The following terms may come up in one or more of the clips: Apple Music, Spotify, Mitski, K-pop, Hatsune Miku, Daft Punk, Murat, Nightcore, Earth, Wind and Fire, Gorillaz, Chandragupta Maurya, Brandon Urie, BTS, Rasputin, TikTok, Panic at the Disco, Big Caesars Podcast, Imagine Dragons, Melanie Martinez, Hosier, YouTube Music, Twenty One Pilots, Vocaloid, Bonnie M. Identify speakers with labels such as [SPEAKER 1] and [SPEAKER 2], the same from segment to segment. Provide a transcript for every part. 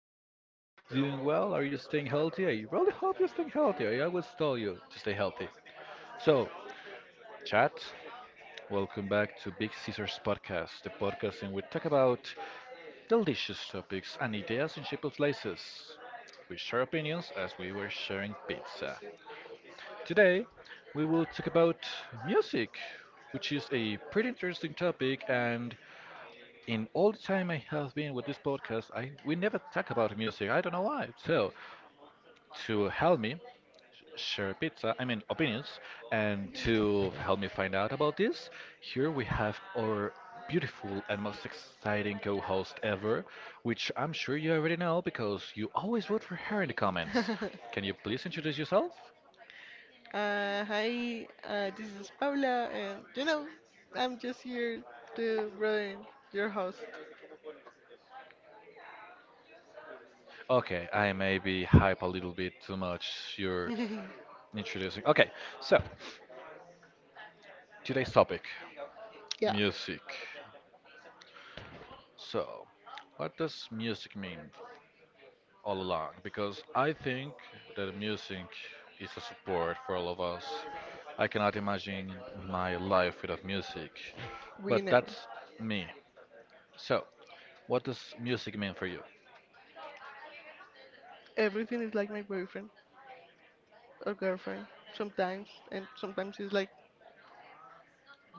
[SPEAKER 1] Are you doing well? Are you staying healthy? I really hope you're staying healthy. I always tell you to stay healthy. So, chat, welcome back to Big Caesars Podcast, the podcast in which we talk about delicious topics and ideas in shape of slices. We share opinions as we were sharing pizza. Today, we will talk about music, which is a pretty interesting topic, and in all the time I have been with this podcast, I we never talk about music. I don't know why. So to help me share pizza, I mean opinions, and to help me find out about this, here we have our beautiful and most exciting co-host ever, which I'm sure you already know because you always vote for her in the comments. Can you please introduce yourself?
[SPEAKER 2] Hi, this is Paula, and I'm just here to ruin your host.
[SPEAKER 1] Okay, I maybe hype a little bit too much. You're introducing. Okay, so today's topic,
[SPEAKER 2] Yeah,
[SPEAKER 1] music. So, what does music mean all along? Because I think that music is a support for all of us. I cannot imagine my life without music,
[SPEAKER 2] we
[SPEAKER 1] but
[SPEAKER 2] know.
[SPEAKER 1] that's me. So, what does music mean for you?
[SPEAKER 2] Everything is like my boyfriend or girlfriend sometimes, and sometimes it's like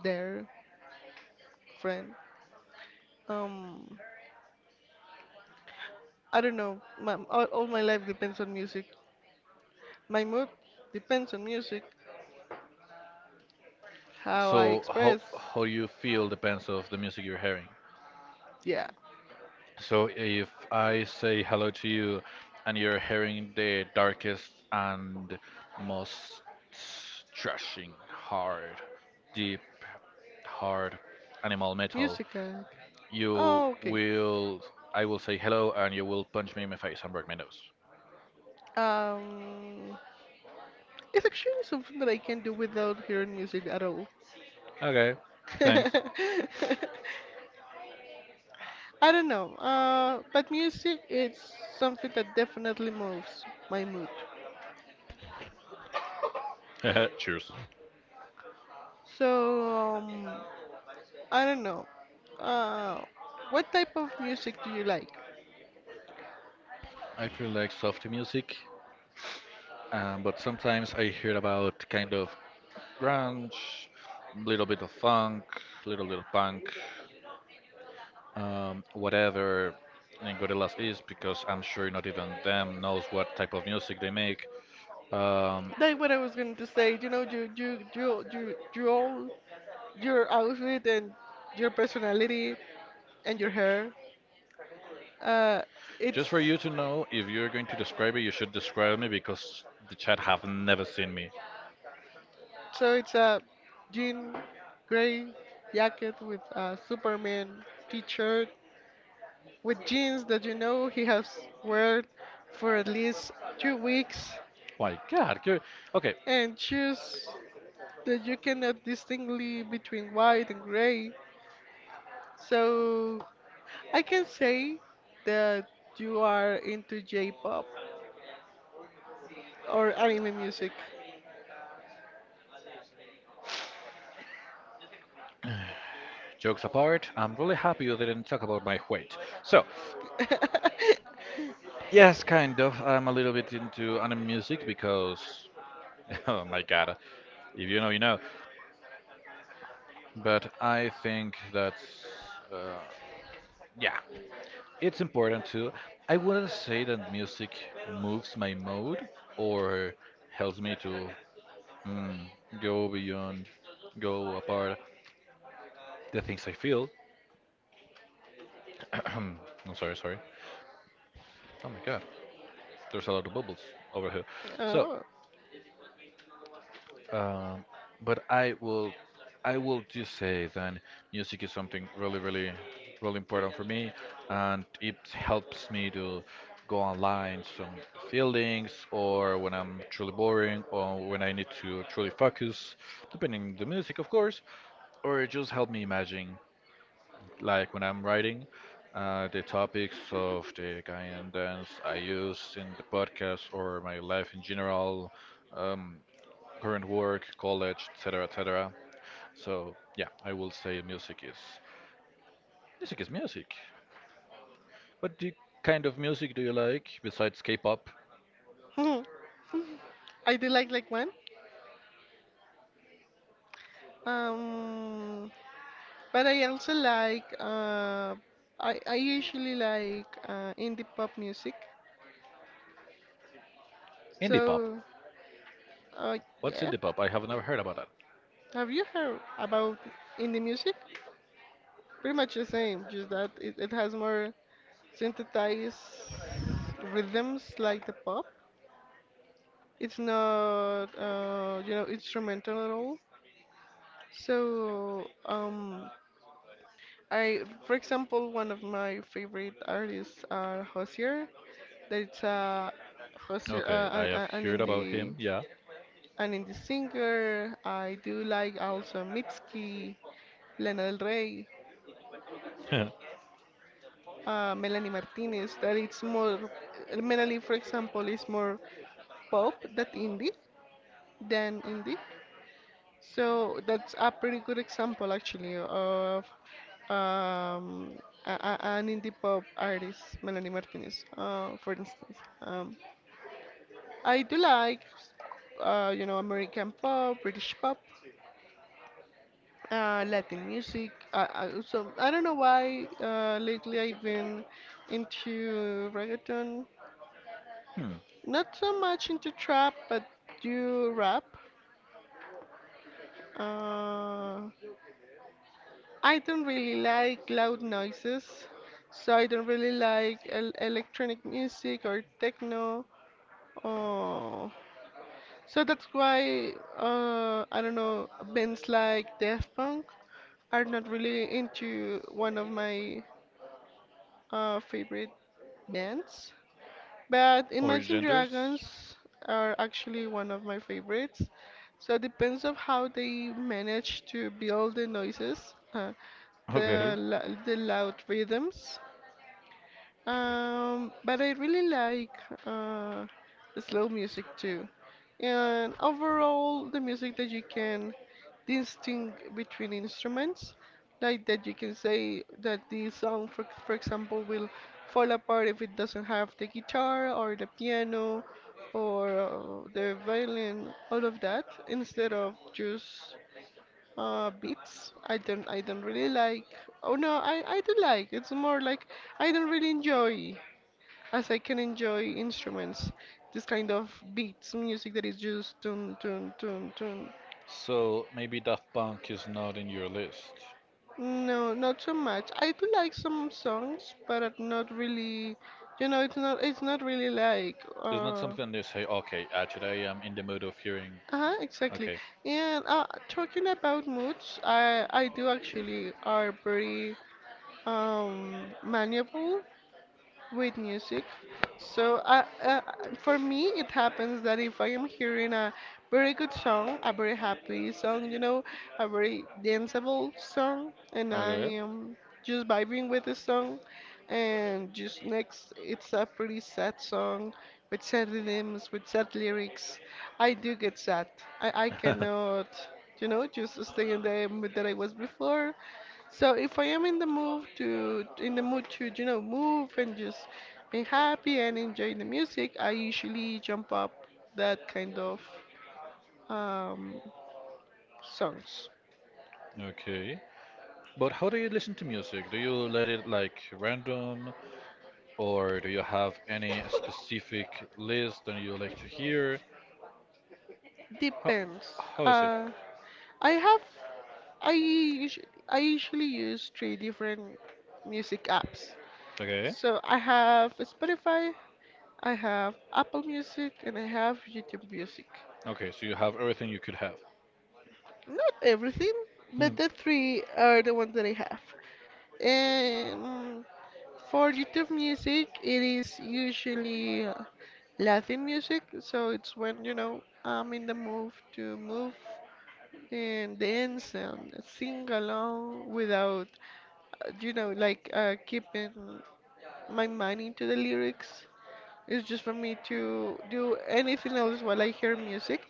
[SPEAKER 2] their friend. Um, I don't know. All my life depends on music. My mood depends on music. How I
[SPEAKER 1] So, how
[SPEAKER 2] express,
[SPEAKER 1] how you feel depends of the music you're hearing.
[SPEAKER 2] yeah,
[SPEAKER 1] So if I say hello to you and you're hearing the darkest and most thrashing, hard, deep, hard animal metal,
[SPEAKER 2] music.
[SPEAKER 1] you
[SPEAKER 2] Oh, okay.
[SPEAKER 1] will, I will say hello and you will punch me in my face and break my nose.
[SPEAKER 2] Um, it's actually something that I can do without hearing music at all.
[SPEAKER 1] Okay, thanks.
[SPEAKER 2] I don't know. But music it's something that definitely moves my mood.
[SPEAKER 1] Cheers.
[SPEAKER 2] So I don't know. Uh, what type of music do you like?
[SPEAKER 1] I feel like soft music, but sometimes I hear about kind of grunge, little bit of funk, little bit of punk. Whatever Gorillaz is, because I'm sure not even them knows what type of music they make. Um,
[SPEAKER 2] That's what I was going to say. You all your outfit and your personality and your hair. Uh, it's
[SPEAKER 1] just for you to know, if you're going to describe it, you should describe me because the chat have never seen me.
[SPEAKER 2] it's a jean gray jacket with a Superman T-shirt with jeans that you know he has worn for at least 2 weeks
[SPEAKER 1] My God. You Okay,
[SPEAKER 2] and shoes that you cannot distinctly between white and gray. So I can say that you are into J-pop or anime music.
[SPEAKER 1] jokes apart, I'm really happy you didn't talk about my weight. So, yes, kind of. I'm a little bit into anime music because, oh my God, if you know, you know. But I think that's, uh, yeah. It's important too. I wouldn't say that music moves my mood or helps me to mm, go beyond, go apart the things I feel. I'm sorry. Oh my God, there's a lot of bubbles over here. So,
[SPEAKER 2] Oh.
[SPEAKER 1] Um, but I will just say that music is something really, really, really important for me, and it helps me to go online some feelings, or when I'm truly boring, or when I need to truly focus, depending on the music, of course, or it just help me imagine, like when I'm writing. The topics of the Ghanaian dance I use in the podcast or my life in general, um, current work, college, etc., etc. So yeah, I will say music is music. What do kind of music do you like besides K-pop?
[SPEAKER 2] I do like one. Um, but I also like, I usually like indie pop music.
[SPEAKER 1] Indie pop.
[SPEAKER 2] So uh,
[SPEAKER 1] What's
[SPEAKER 2] yeah,
[SPEAKER 1] indie pop? I have never heard about that.
[SPEAKER 2] have you heard about indie music? Pretty much the same, just that it has more synthesized rhythms like the pop. It's not instrumental at all. So, I, for example, one of my favorite artists are Hosier. That's a Hosier,
[SPEAKER 1] Okay,
[SPEAKER 2] uh, an,
[SPEAKER 1] I have
[SPEAKER 2] an an
[SPEAKER 1] heard about him.
[SPEAKER 2] indie,
[SPEAKER 1] Yeah.
[SPEAKER 2] an indie singer. I do like also Mitski, Lana Del Rey,
[SPEAKER 1] Hmm.
[SPEAKER 2] Melanie Martinez. That it's more, Melanie, for example, is more pop than indie than indie. So that's a pretty good example, actually, of um, an indie pop artist, Melanie Martinez, for instance. Um, I do like, American pop, British pop, Latin music. I also, I don't know why lately I've been into reggaeton. Not so much into trap, but do rap. Uh, I don't really like loud noises, so I don't really like el electronic music or techno. Oh, so that's why I don't know bands like Daft Punk are not really into one of my favorite bands. But Imagine Dragons are actually one of my favorites. So it depends of how they manage to build the noises, uh,
[SPEAKER 1] Okay.
[SPEAKER 2] the lo- the loud rhythms. But I really like uh, slow music too. And overall, the music that you can distinguish between instruments, like that you can say that the song, for example, will fall apart if it doesn't have the guitar or the piano or the violin, all of that, instead of just beats. I don't really like. Oh no, I do like. It's more like I don't really enjoy as I can enjoy instruments, this kind of beats music that is just tun tun tun tun.
[SPEAKER 1] So maybe Daft Punk is not in your list.
[SPEAKER 2] No, not so much. I do like some songs, but are not really. It's not it's not really like
[SPEAKER 1] It's not something you say, okay, today I'm in the mood of hearing.
[SPEAKER 2] uh-huh, exactly.
[SPEAKER 1] Okay.
[SPEAKER 2] And talking about moods, I do actually are pretty malleable with music. So for me, it happens that if I am hearing a very good song, a very happy song, a very danceable song, and I
[SPEAKER 1] Okay.
[SPEAKER 2] am just vibing with the song, and just next, it's a pretty sad song with sad rhythms, with sad lyrics. I do get sad. I cannot, just stay in the mood that I was before. So if I am in the mood to move and just be happy and enjoy the music, I usually jump up that kind of um, songs.
[SPEAKER 1] Okay. But how do you listen to music? Do you let it like random, or do you have any specific list that you like to hear? How,
[SPEAKER 2] Depends.
[SPEAKER 1] how is it?
[SPEAKER 2] Uh, I have I usually use three different music apps.
[SPEAKER 1] Okay.
[SPEAKER 2] So I have Spotify, I have Apple Music, and I have YouTube Music.
[SPEAKER 1] Okay, so you have everything you could have.
[SPEAKER 2] Not everything,
[SPEAKER 1] Hmm.
[SPEAKER 2] but the three are the ones that I have. Um, for YouTube music, it is usually Latin music, so it's when you know I'm in the mood to move and dance and sing along without, like keeping my mind into the lyrics. It's just for me to do anything else while I hear music.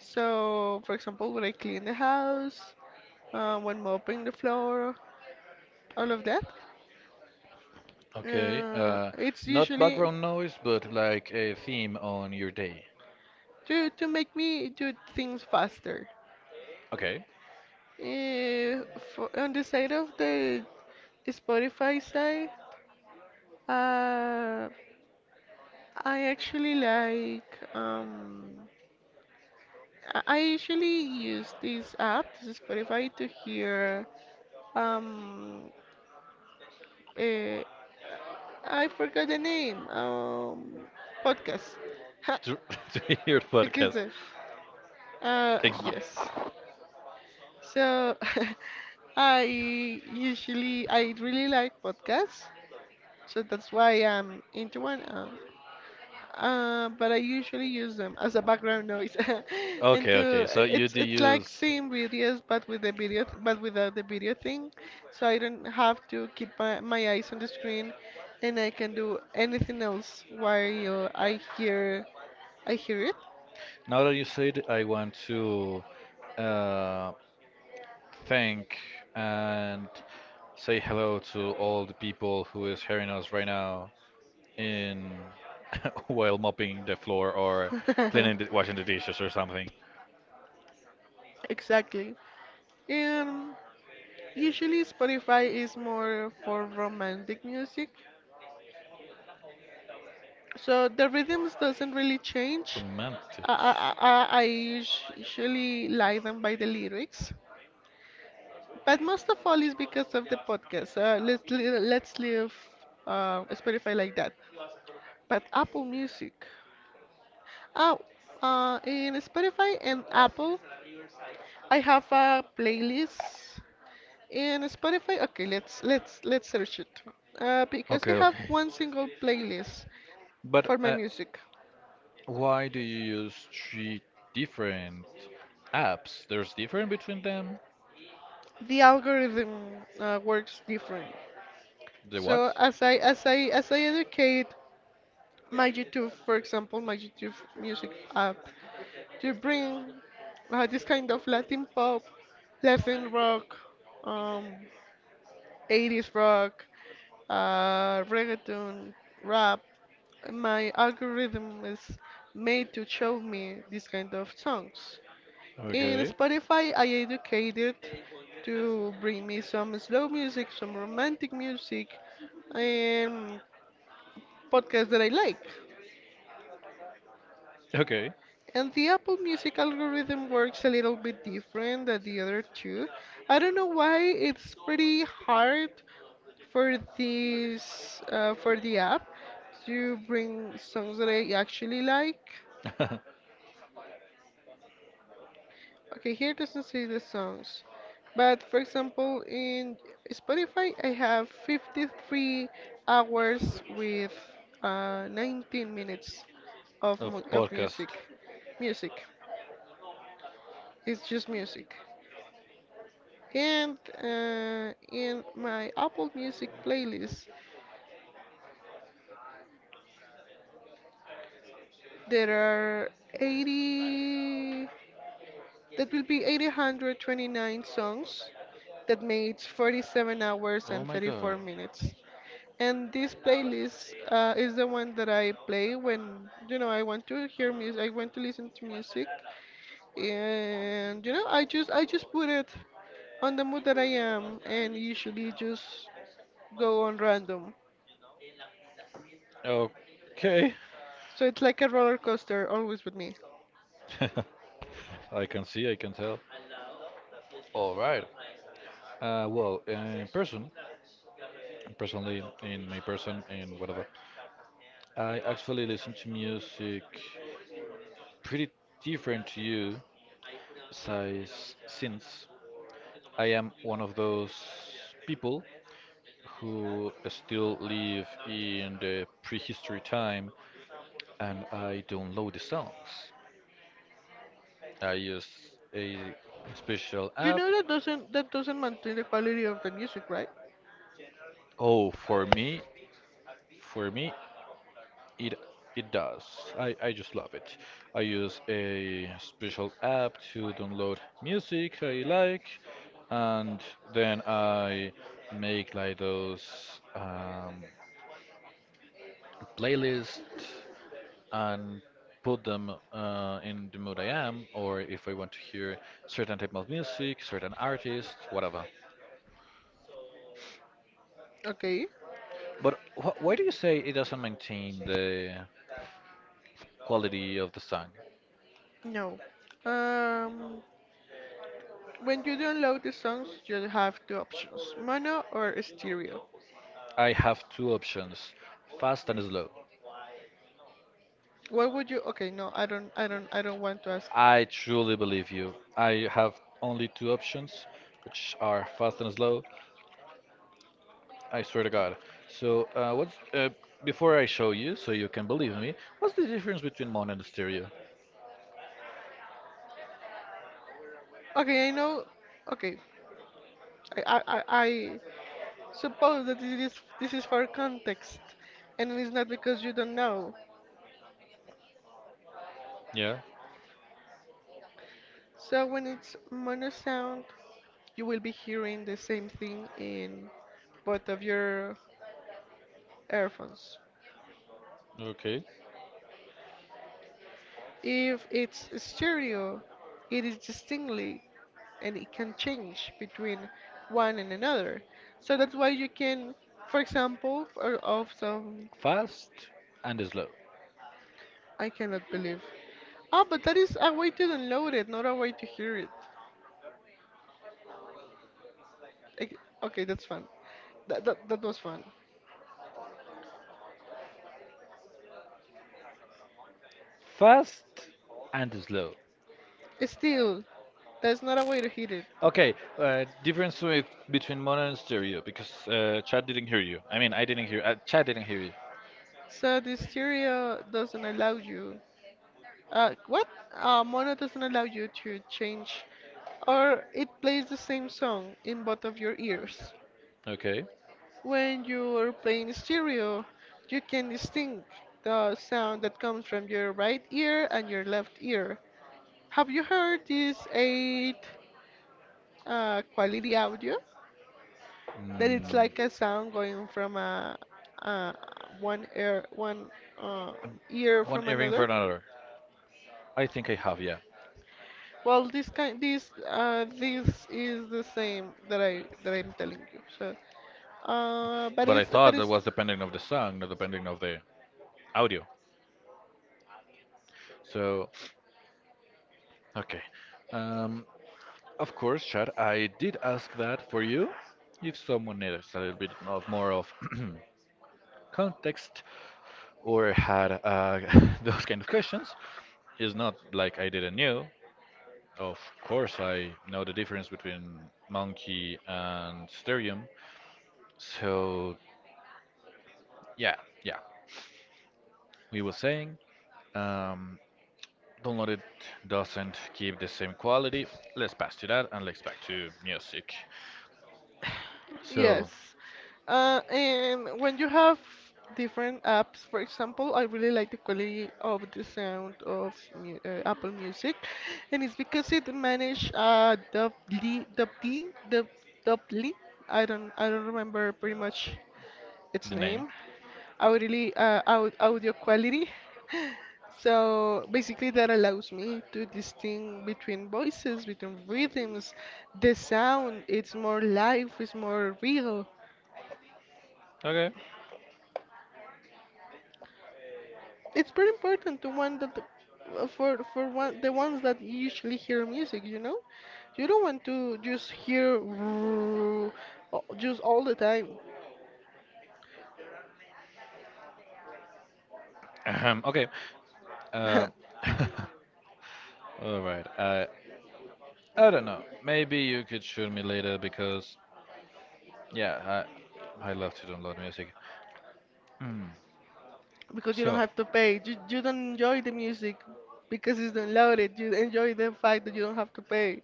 [SPEAKER 2] So, for example, when I clean the house, when mopping the floor, all of that.
[SPEAKER 1] Okay.
[SPEAKER 2] It's
[SPEAKER 1] Not
[SPEAKER 2] usually
[SPEAKER 1] background noise, but like a theme on your day.
[SPEAKER 2] to make me do things faster.
[SPEAKER 1] Okay.
[SPEAKER 2] Eh, on the side of the Spotify side, uh, I actually like, I usually use this app, this is Spotify, to hear um, eh, I forgot the name podcast. Ha,
[SPEAKER 1] To, to your
[SPEAKER 2] ¿qué es
[SPEAKER 1] podcast.
[SPEAKER 2] eso?
[SPEAKER 1] Ex-
[SPEAKER 2] Yes. So I I really like podcasts, so that's why I'm into one. But I usually use them as a background noise, and
[SPEAKER 1] Okay, okay.
[SPEAKER 2] to
[SPEAKER 1] So you do
[SPEAKER 2] it's like
[SPEAKER 1] use.
[SPEAKER 2] seeing videos, but with the video, but without the video thing. So I don't have to keep my eyes on the screen, and I can do anything else while I hear
[SPEAKER 1] Now that you said, I want to uh, thank and say hello to all the people who is hearing us right now in while mopping the floor or
[SPEAKER 2] it.
[SPEAKER 1] washing the dishes or something.
[SPEAKER 2] Exactly. Um, Usually Spotify is more for romantic music, so the rhythms doesn't really change.
[SPEAKER 1] Romantic.
[SPEAKER 2] I usually like them by the lyrics, but most of all is because of the podcast. Let's leave Spotify like that. But Apple Music, oh, in Spotify and Apple, I have a playlist in Spotify. Okay, let's search it. Because I
[SPEAKER 1] Okay,
[SPEAKER 2] have
[SPEAKER 1] okay.
[SPEAKER 2] one single playlist
[SPEAKER 1] But
[SPEAKER 2] for my music.
[SPEAKER 1] why do you use three different apps? There's different between them?
[SPEAKER 2] The algorithm works different.
[SPEAKER 1] The what?
[SPEAKER 2] So as I educate my YouTube, for example, my YouTube music app to bring this kind of Latin pop, Latin rock, um, 80s rock, reggaeton, rap. My algorithm is made to show me this kind of songs. In
[SPEAKER 1] Okay.
[SPEAKER 2] Spotify, I educated to bring me some slow music, some romantic music, and podcasts that I like.
[SPEAKER 1] Okay.
[SPEAKER 2] And the Apple Music algorithm works a little bit different than the other two. I don't know why it's pretty hard for this for the app to bring songs that I actually like. Okay, here doesn't say the songs, but for example, in Spotify, I have 53 hours with 19 minutes of mu
[SPEAKER 1] Of
[SPEAKER 2] of
[SPEAKER 1] podcast.
[SPEAKER 2] music. Music. It's just music. And in my Apple Music playlist, there are 80, that will be 829 songs that makes 47 hours and 34 minutes. And this playlist is the one that I play when you know I want to hear music. I want to listen to music, and you know I just put it on the mood that I am, and usually just go on random.
[SPEAKER 1] Okay.
[SPEAKER 2] So it's like a roller coaster, always with me.
[SPEAKER 1] I can see, I can tell. All right. Well, personally, in my person, in whatever, I actually listen to music pretty different to you, size since I am one of those people who still live in the prehistory time and I download the songs. I use a special
[SPEAKER 2] You
[SPEAKER 1] app.
[SPEAKER 2] know that doesn't maintain the quality of the music, right?
[SPEAKER 1] Oh, for me, it it does. I just love it. I use a special app to download music I like, and then I make like those playlists and put them in the mood I am, or if I want to hear certain type of music, certain artist, whatever.
[SPEAKER 2] Okay.
[SPEAKER 1] But wh why do you say it doesn't maintain the quality of the song?
[SPEAKER 2] No. Um, when you download the songs, you have two options: mono or stereo.
[SPEAKER 1] I have two options, fast and slow.
[SPEAKER 2] What would you? Okay, no, I don't want to ask.
[SPEAKER 1] I truly believe you. I have only two options, which are fast and slow. I swear to God. So, what's before I show you, so you can believe me, what's the difference between mono and stereo?
[SPEAKER 2] Okay, I know. Okay, I suppose that this is for context, and it's not because you don't know.
[SPEAKER 1] Yeah.
[SPEAKER 2] So when it's mono sound, you will be hearing the same thing in both of your earphones.
[SPEAKER 1] Okay.
[SPEAKER 2] If it's stereo, it is distinctly and it can change between one and another. So that's why you can, for example,
[SPEAKER 1] Fast and slow.
[SPEAKER 2] I cannot believe. Oh, but that is a way to download it, not a way to hear it. Like, okay, that's fun. That was fun.
[SPEAKER 1] Fast and slow.
[SPEAKER 2] Still, that's not a way to hear it.
[SPEAKER 1] Okay, difference with between mono and stereo because Chad didn't hear you. I mean, I didn't hear. Chad didn't hear you.
[SPEAKER 2] So the stereo doesn't allow you. What? Mono doesn't allow you to change, or it plays the same song in both of your ears.
[SPEAKER 1] Okay.
[SPEAKER 2] When you're playing stereo, you can distinct the sound that comes from your right ear and your left ear. Have you heard this eight quality audio? That it's
[SPEAKER 1] Mm,
[SPEAKER 2] like a sound going from a one uh, ear
[SPEAKER 1] one
[SPEAKER 2] from
[SPEAKER 1] earring for
[SPEAKER 2] another.
[SPEAKER 1] another. I think I have, yeah.
[SPEAKER 2] Well, this kind this this is the same that I'm telling you. So, but
[SPEAKER 1] But I
[SPEAKER 2] it's but
[SPEAKER 1] thought that
[SPEAKER 2] it's
[SPEAKER 1] was depending of the song, not depending of the audio. So, okay. Um, of course, Chad, I did ask that for you. If someone needs a little bit of more of context or had those kind of questions, it's not like I didn't knew. Of course, I know the difference between monkey and sterium. So yeah, yeah. We were saying um, downloaded doesn't give the same quality. Let's pass to that and let's back to music.
[SPEAKER 2] Yes.
[SPEAKER 1] So
[SPEAKER 2] And when you have different apps, for example, I really like the quality of the sound of mu Apple Music, and it's because it manage doubly. I don't remember pretty much its
[SPEAKER 1] the name.
[SPEAKER 2] name, audily, audio quality. So basically, that allows me to distinguish between voices, between rhythms, the sound. It's more live, it's more real.
[SPEAKER 1] Okay.
[SPEAKER 2] It's pretty important to one that for one the ones that usually hear music, you know, you don't want to just hear just all the time.
[SPEAKER 1] Ahem, okay. Uh, all right. I don't know. Maybe you could show me later because yeah, I love to download music. Hmm.
[SPEAKER 2] Because you don't
[SPEAKER 1] So,
[SPEAKER 2] have to pay. You don't enjoy the music because it's downloaded. You enjoy the fact that you don't have to pay.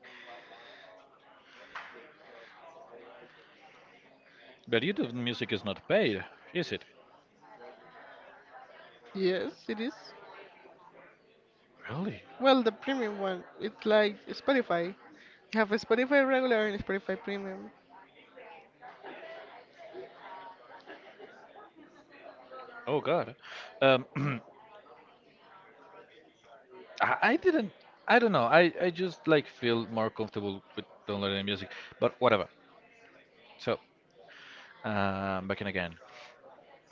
[SPEAKER 1] but YouTube music is not paid, is it?
[SPEAKER 2] Yes, it is.
[SPEAKER 1] Really?
[SPEAKER 2] Well, the premium one. It's like Spotify. You have a Spotify regular and Spotify premium.
[SPEAKER 1] Oh God. Um, I didn't. I don't know. I just like feel more comfortable with downloading music. But whatever. So, back in again.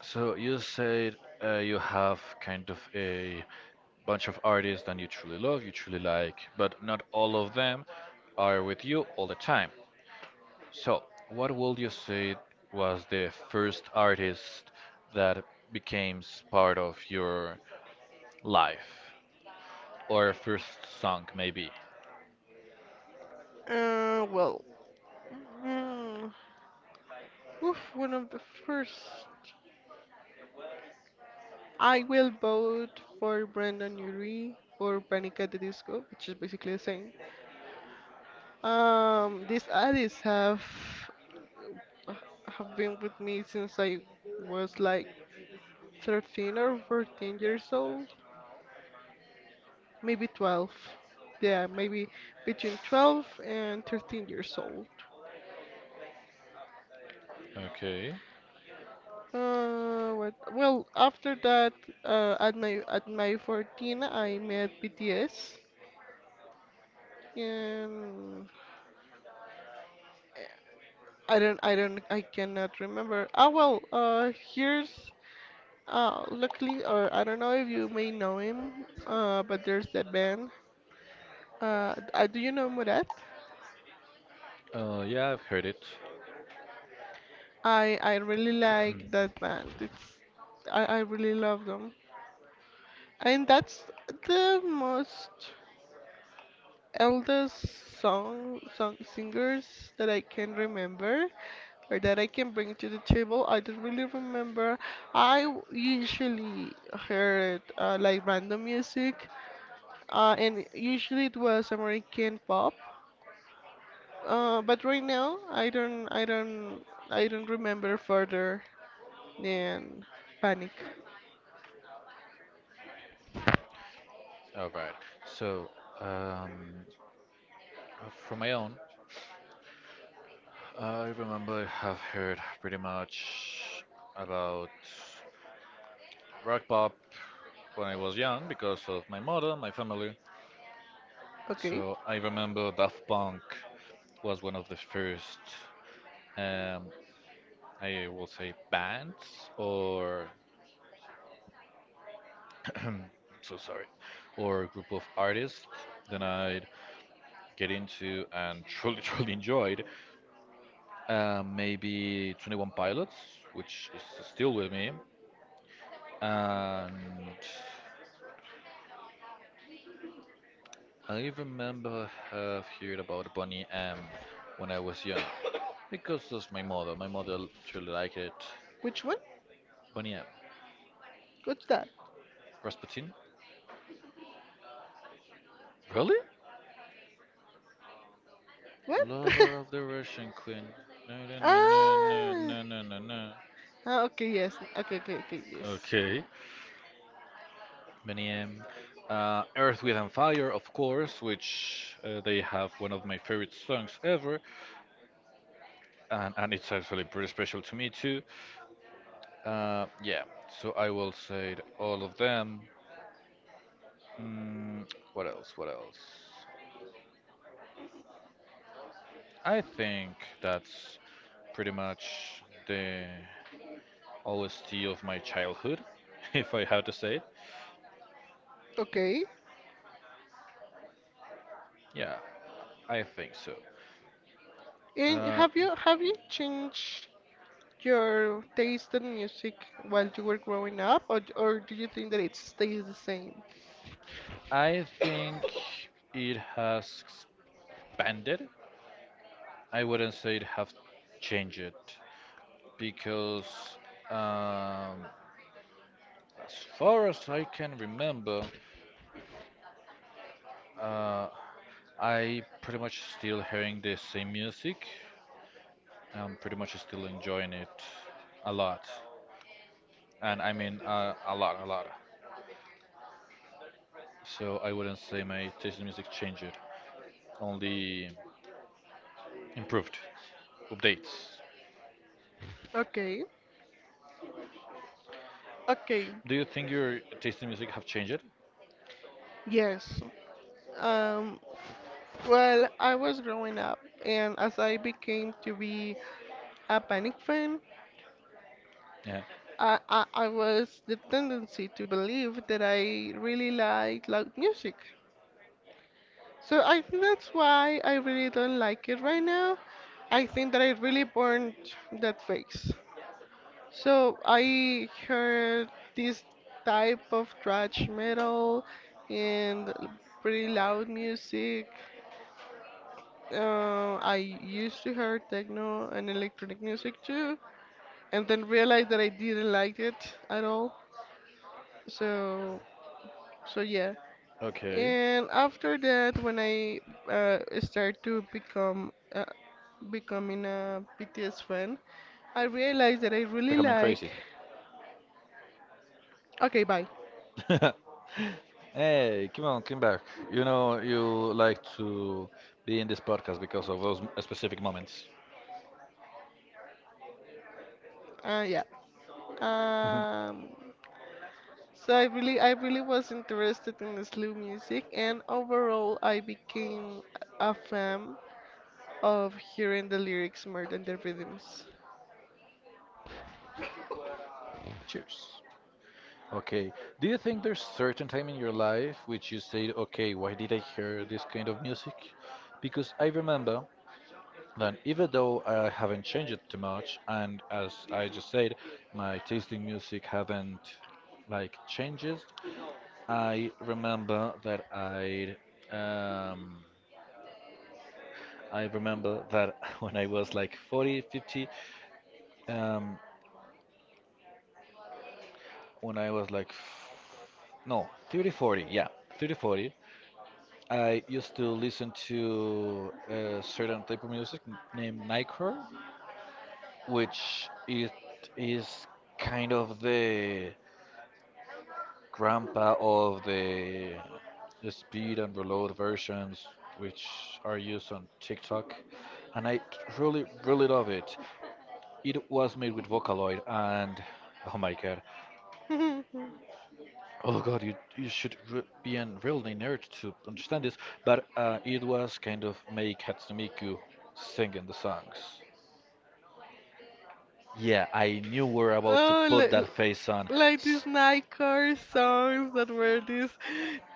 [SPEAKER 1] So you said you have kind of a bunch of artists that you truly love, you truly like, but not all of them are with you all the time. So, what would you say was the first artist that became part of your life? Or first song, maybe?
[SPEAKER 2] Well, mm, oof, one of the first. I will vote for Brandon Urie or Panic at the Disco, which is basically the same. These artists uh, have been with me since I was like 13 or 14 years old, maybe 12. Yeah, maybe between 12 and 13 years old.
[SPEAKER 1] Okay.
[SPEAKER 2] What? Well, after that, at my 14, I met BTS, and I cannot remember. Luckily, or I don't know if you may know him, but there's that band. Do you know Murat?
[SPEAKER 1] Yeah, I've heard it.
[SPEAKER 2] I really like that band. It's I really love them. And that's the most eldest song singers that I can remember or that I can bring to the table. I don't really remember. Usually heard like random music, and usually it was American pop. But right now, I don't remember further than Panic.
[SPEAKER 1] All right. So, um, for my own, I remember I have heard pretty much about rock pop when I was young because of my mother, my family.
[SPEAKER 2] Okay.
[SPEAKER 1] So I remember Daft Punk was one of the first um, I will say bands or sorry, or a group of artists that I get into and truly truly enjoyed. Maybe Twenty One Pilots, which is still with me, and I remember have heard about Bonnie M when I was young because of my mother. My mother truly liked it.
[SPEAKER 2] Which one?
[SPEAKER 1] Bonnie M,
[SPEAKER 2] What's that?
[SPEAKER 1] Rasputin, really?
[SPEAKER 2] What?
[SPEAKER 1] Lover of the Russian Queen. No, no, no, no, no,
[SPEAKER 2] Ah.
[SPEAKER 1] no, no, no, no.
[SPEAKER 2] Ah. Okay. Yes. Okay. Okay. Okay. Yes.
[SPEAKER 1] Okay. Millennium, Earth, Wind and Fire, of course, which they have one of my favorite songs ever, and it's actually pretty special to me too. Yeah, so I will say all of them. Mm, what else? What else? I think that's pretty much the OST of my childhood, if I had to say it.
[SPEAKER 2] Okay.
[SPEAKER 1] Yeah, I think so.
[SPEAKER 2] And
[SPEAKER 1] Uh,
[SPEAKER 2] have you changed your taste in music while you were growing up, or or do you think that it stays the same?
[SPEAKER 1] I think it has expanded. I wouldn't say it have changed it because um, as far as I can remember, uh, I pretty much still hearing the same music. I'm pretty much still enjoying it a lot, and I mean a lot, a lot. So I wouldn't say my taste in music changed, only improved, updates.
[SPEAKER 2] Okay. Okay.
[SPEAKER 1] Do you think your taste in music have changed?
[SPEAKER 2] Yes. Um. Well, I was growing up, and as I became to be a Panic fan,
[SPEAKER 1] Yeah.
[SPEAKER 2] I was the tendency to believe that I really like loud music. So I think that's why I really don't like it right now. I think that I really burned that phase. So I heard this type of thrash metal and pretty loud music. I used to hear techno and electronic music too, and then realized that I didn't like it at all. So, so yeah.
[SPEAKER 1] Okay.
[SPEAKER 2] And after that, when I start to become becoming a BTS fan, I realized that I really
[SPEAKER 1] Becoming
[SPEAKER 2] like.
[SPEAKER 1] crazy.
[SPEAKER 2] Okay, bye.
[SPEAKER 1] Hey, come on, come back. You know you like to be in this podcast because of those specific moments.
[SPEAKER 2] Yeah. Um. So I really was interested in the slow music, and overall, I became a fan of hearing the lyrics more than the rhythms.
[SPEAKER 1] Cheers. Okay. Do you think there's certain time in your life which you said, okay, why did I hear this kind of music? Because I remember that even though I haven't changed it too much, and as I just said, my taste in music haven't like changes. I remember that I um, I remember that when I was like 40, 50, um, when I was like, no, 30, 40, yeah, 30, 40, I used to listen to a certain type of music named Nightcore, which it is kind of the grandpa of the speed and reload versions which are used on TikTok, and really, really love it. It was made with Vocaloid, and oh my God, oh God, you should re be a real nerd to understand this. But it was kind of make Hatsune Miku singing the songs. Yeah, I knew we were about to
[SPEAKER 2] Oh,
[SPEAKER 1] put
[SPEAKER 2] li-
[SPEAKER 1] that face on.
[SPEAKER 2] like these Nightcore songs that were these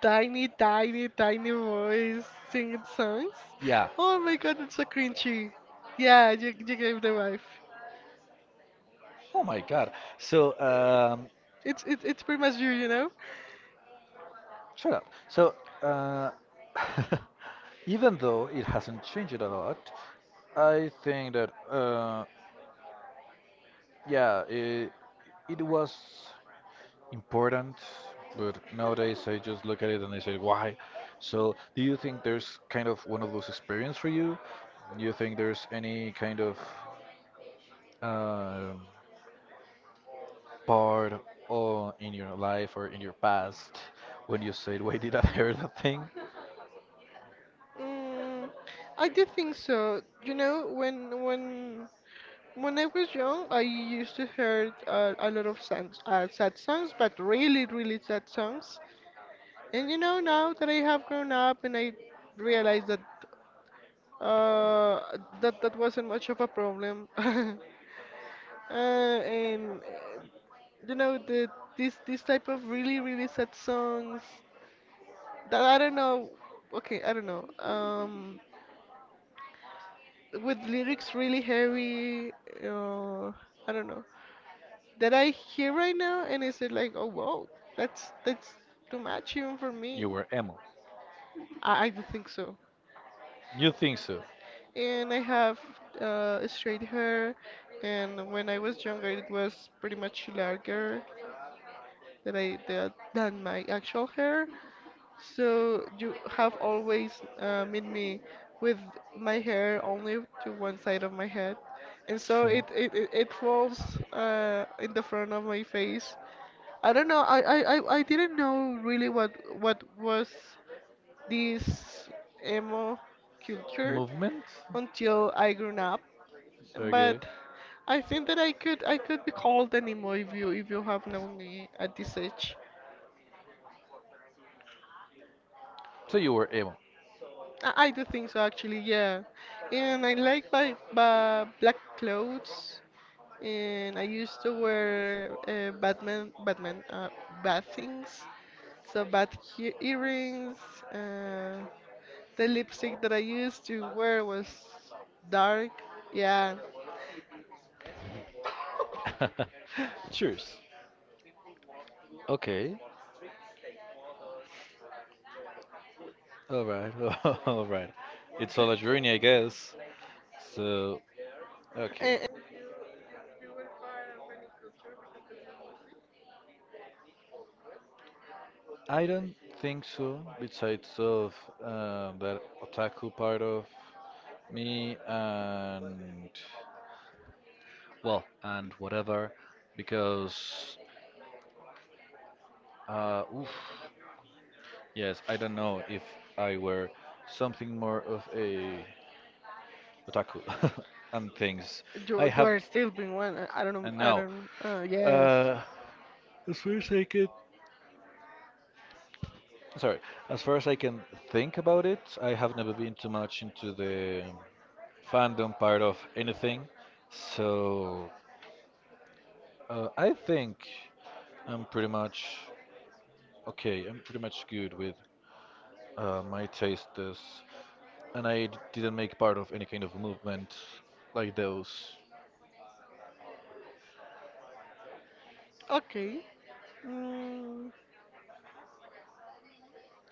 [SPEAKER 2] tiny, tiny, tiny boys singing songs.
[SPEAKER 1] Yeah.
[SPEAKER 2] Oh my God, it's so cringy. Yeah, you gave the vibe.
[SPEAKER 1] Oh my God. So
[SPEAKER 2] It's pretty much you, you know.
[SPEAKER 1] shut up. So uh, even though it hasn't changed a lot, I think that yeah, it, it was important, but nowadays I just look at it and I say, why? So, do you think there's kind of one of those experience for you? Do you think there's any kind of uh, part or in your life or in your past when you said, why did I hear that thing?
[SPEAKER 2] Mm, I do think so. You know, when I was young, I used to heard a lot of sad, sad songs, but really, really sad songs. And you know, now that I have grown up and I realize that uh that wasn't much of a problem. And you know the this type of really really sad songs that I don't know. Okay, I don't know. With lyrics really heavy. Uh, I don't know. That I hear right now and is it like, oh wow, that's too much even for me.
[SPEAKER 1] You were emo.
[SPEAKER 2] I don't think so.
[SPEAKER 1] You think so?
[SPEAKER 2] And I have straight hair. And when I was younger, it was pretty much larger than than my actual hair. So you have always made me with my hair only to one side of my head, and so
[SPEAKER 1] Sure.
[SPEAKER 2] it falls in the front of my face. I don't know. I didn't know really what was this emo culture
[SPEAKER 1] Movement?
[SPEAKER 2] until I grew up,
[SPEAKER 1] Okay.
[SPEAKER 2] but I think that I could be called anymore if you have known me at this age.
[SPEAKER 1] So you were emo.
[SPEAKER 2] I do think so actually, yeah. And I like my black clothes and I used to wear Batman bad things. So bad he earrings, uh, the lipstick that I used to wear was dark. Yeah.
[SPEAKER 1] Cheers. Okay. All right. All right. It's all a journey, I guess. So, okay.
[SPEAKER 2] And,
[SPEAKER 1] I don't think so. Besides of that otaku part of me and whatever, because oof, yes, I don't know if I were something more of a otaku and things. I
[SPEAKER 2] you
[SPEAKER 1] have
[SPEAKER 2] are still being one. I don't know.
[SPEAKER 1] and
[SPEAKER 2] I
[SPEAKER 1] Now,
[SPEAKER 2] don't. Yes.
[SPEAKER 1] uh, as far as I can, sorry, as far as I can think about it, I have never been too much into the fandom part of anything. So I think I'm pretty much okay. I'm pretty much good with my tastes, and didn't make part of any kind of movement like those.
[SPEAKER 2] Okay. Mm,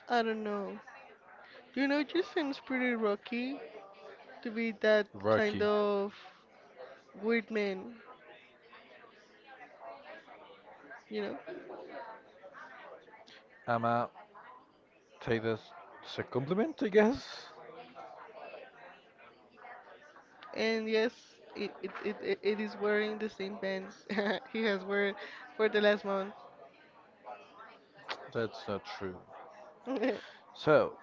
[SPEAKER 2] I don't know. You know, it just seems pretty rocky to be that kind
[SPEAKER 1] Rocky,
[SPEAKER 2] of weird man, you know?
[SPEAKER 1] I'ma take this as a compliment, I guess.
[SPEAKER 2] And yes, it is wearing the same pants he has worn for the last month.
[SPEAKER 1] That's not true. So,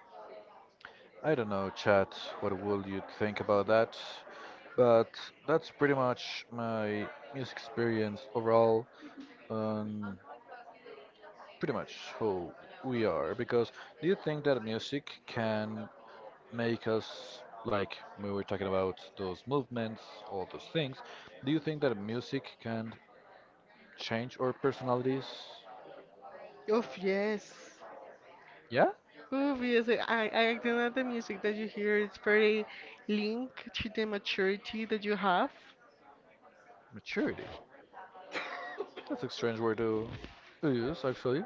[SPEAKER 1] I don't know, chat, what would you think about that? But that's pretty much my music experience overall, um, pretty much who we are. Because do you think that music can make us, like we were talking about those movements, all those things, do you think that music can change our personalities?
[SPEAKER 2] Oh yes.
[SPEAKER 1] Yeah?
[SPEAKER 2] Oh yes, I think that the music that you hear is very linked to the maturity that you have.
[SPEAKER 1] Maturity. That's a strange word to use, actually,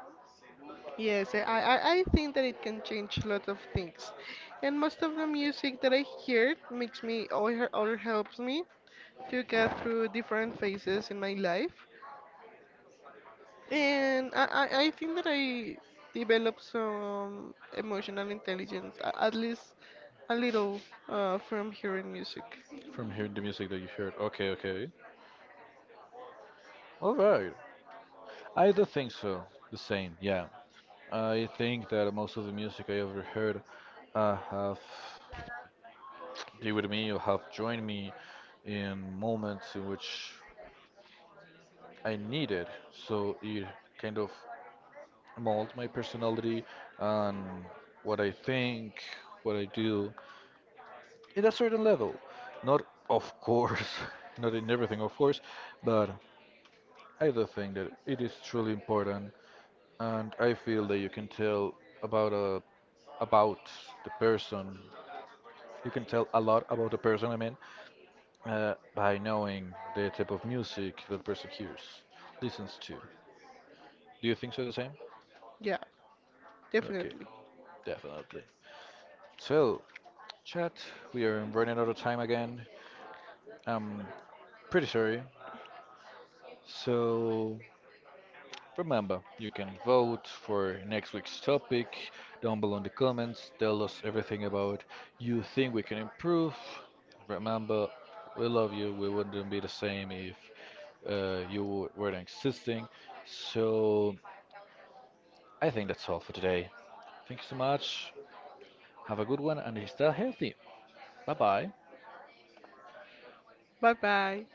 [SPEAKER 2] Yes, I think that it can change a lot of things. And most of the music that I hear makes me or helps me to get through different phases in my life. And I think that I develop some emotional intelligence, at least a little, from hearing music.
[SPEAKER 1] from hearing the music that you heard. Okay, okay. All right. I do think so. The same, yeah. I think that most of the music I ever heard have been with me or have joined me in moments in which I needed. So it kind of mold my personality and what I think, what I do in a certain level. Not, of course, not in everything, of course, but I do think that it is truly important, and I feel that you can tell about a about the person. You can tell a lot about the person, I mean, by knowing the type of music that person hears, listens to. Do you think so the same?
[SPEAKER 2] Yeah,
[SPEAKER 1] Okay,
[SPEAKER 2] definitely.
[SPEAKER 1] definitely. So, chat, we are running out of time again. I'm pretty sorry. So, remember, you can vote for next week's topic down below in the comments. Tell us everything about you think we can improve. Remember, we love you. We wouldn't be the same if you were existing. So I think that's all for today. Thank you so much. Have a good one and stay healthy. Bye bye.
[SPEAKER 2] Bye bye.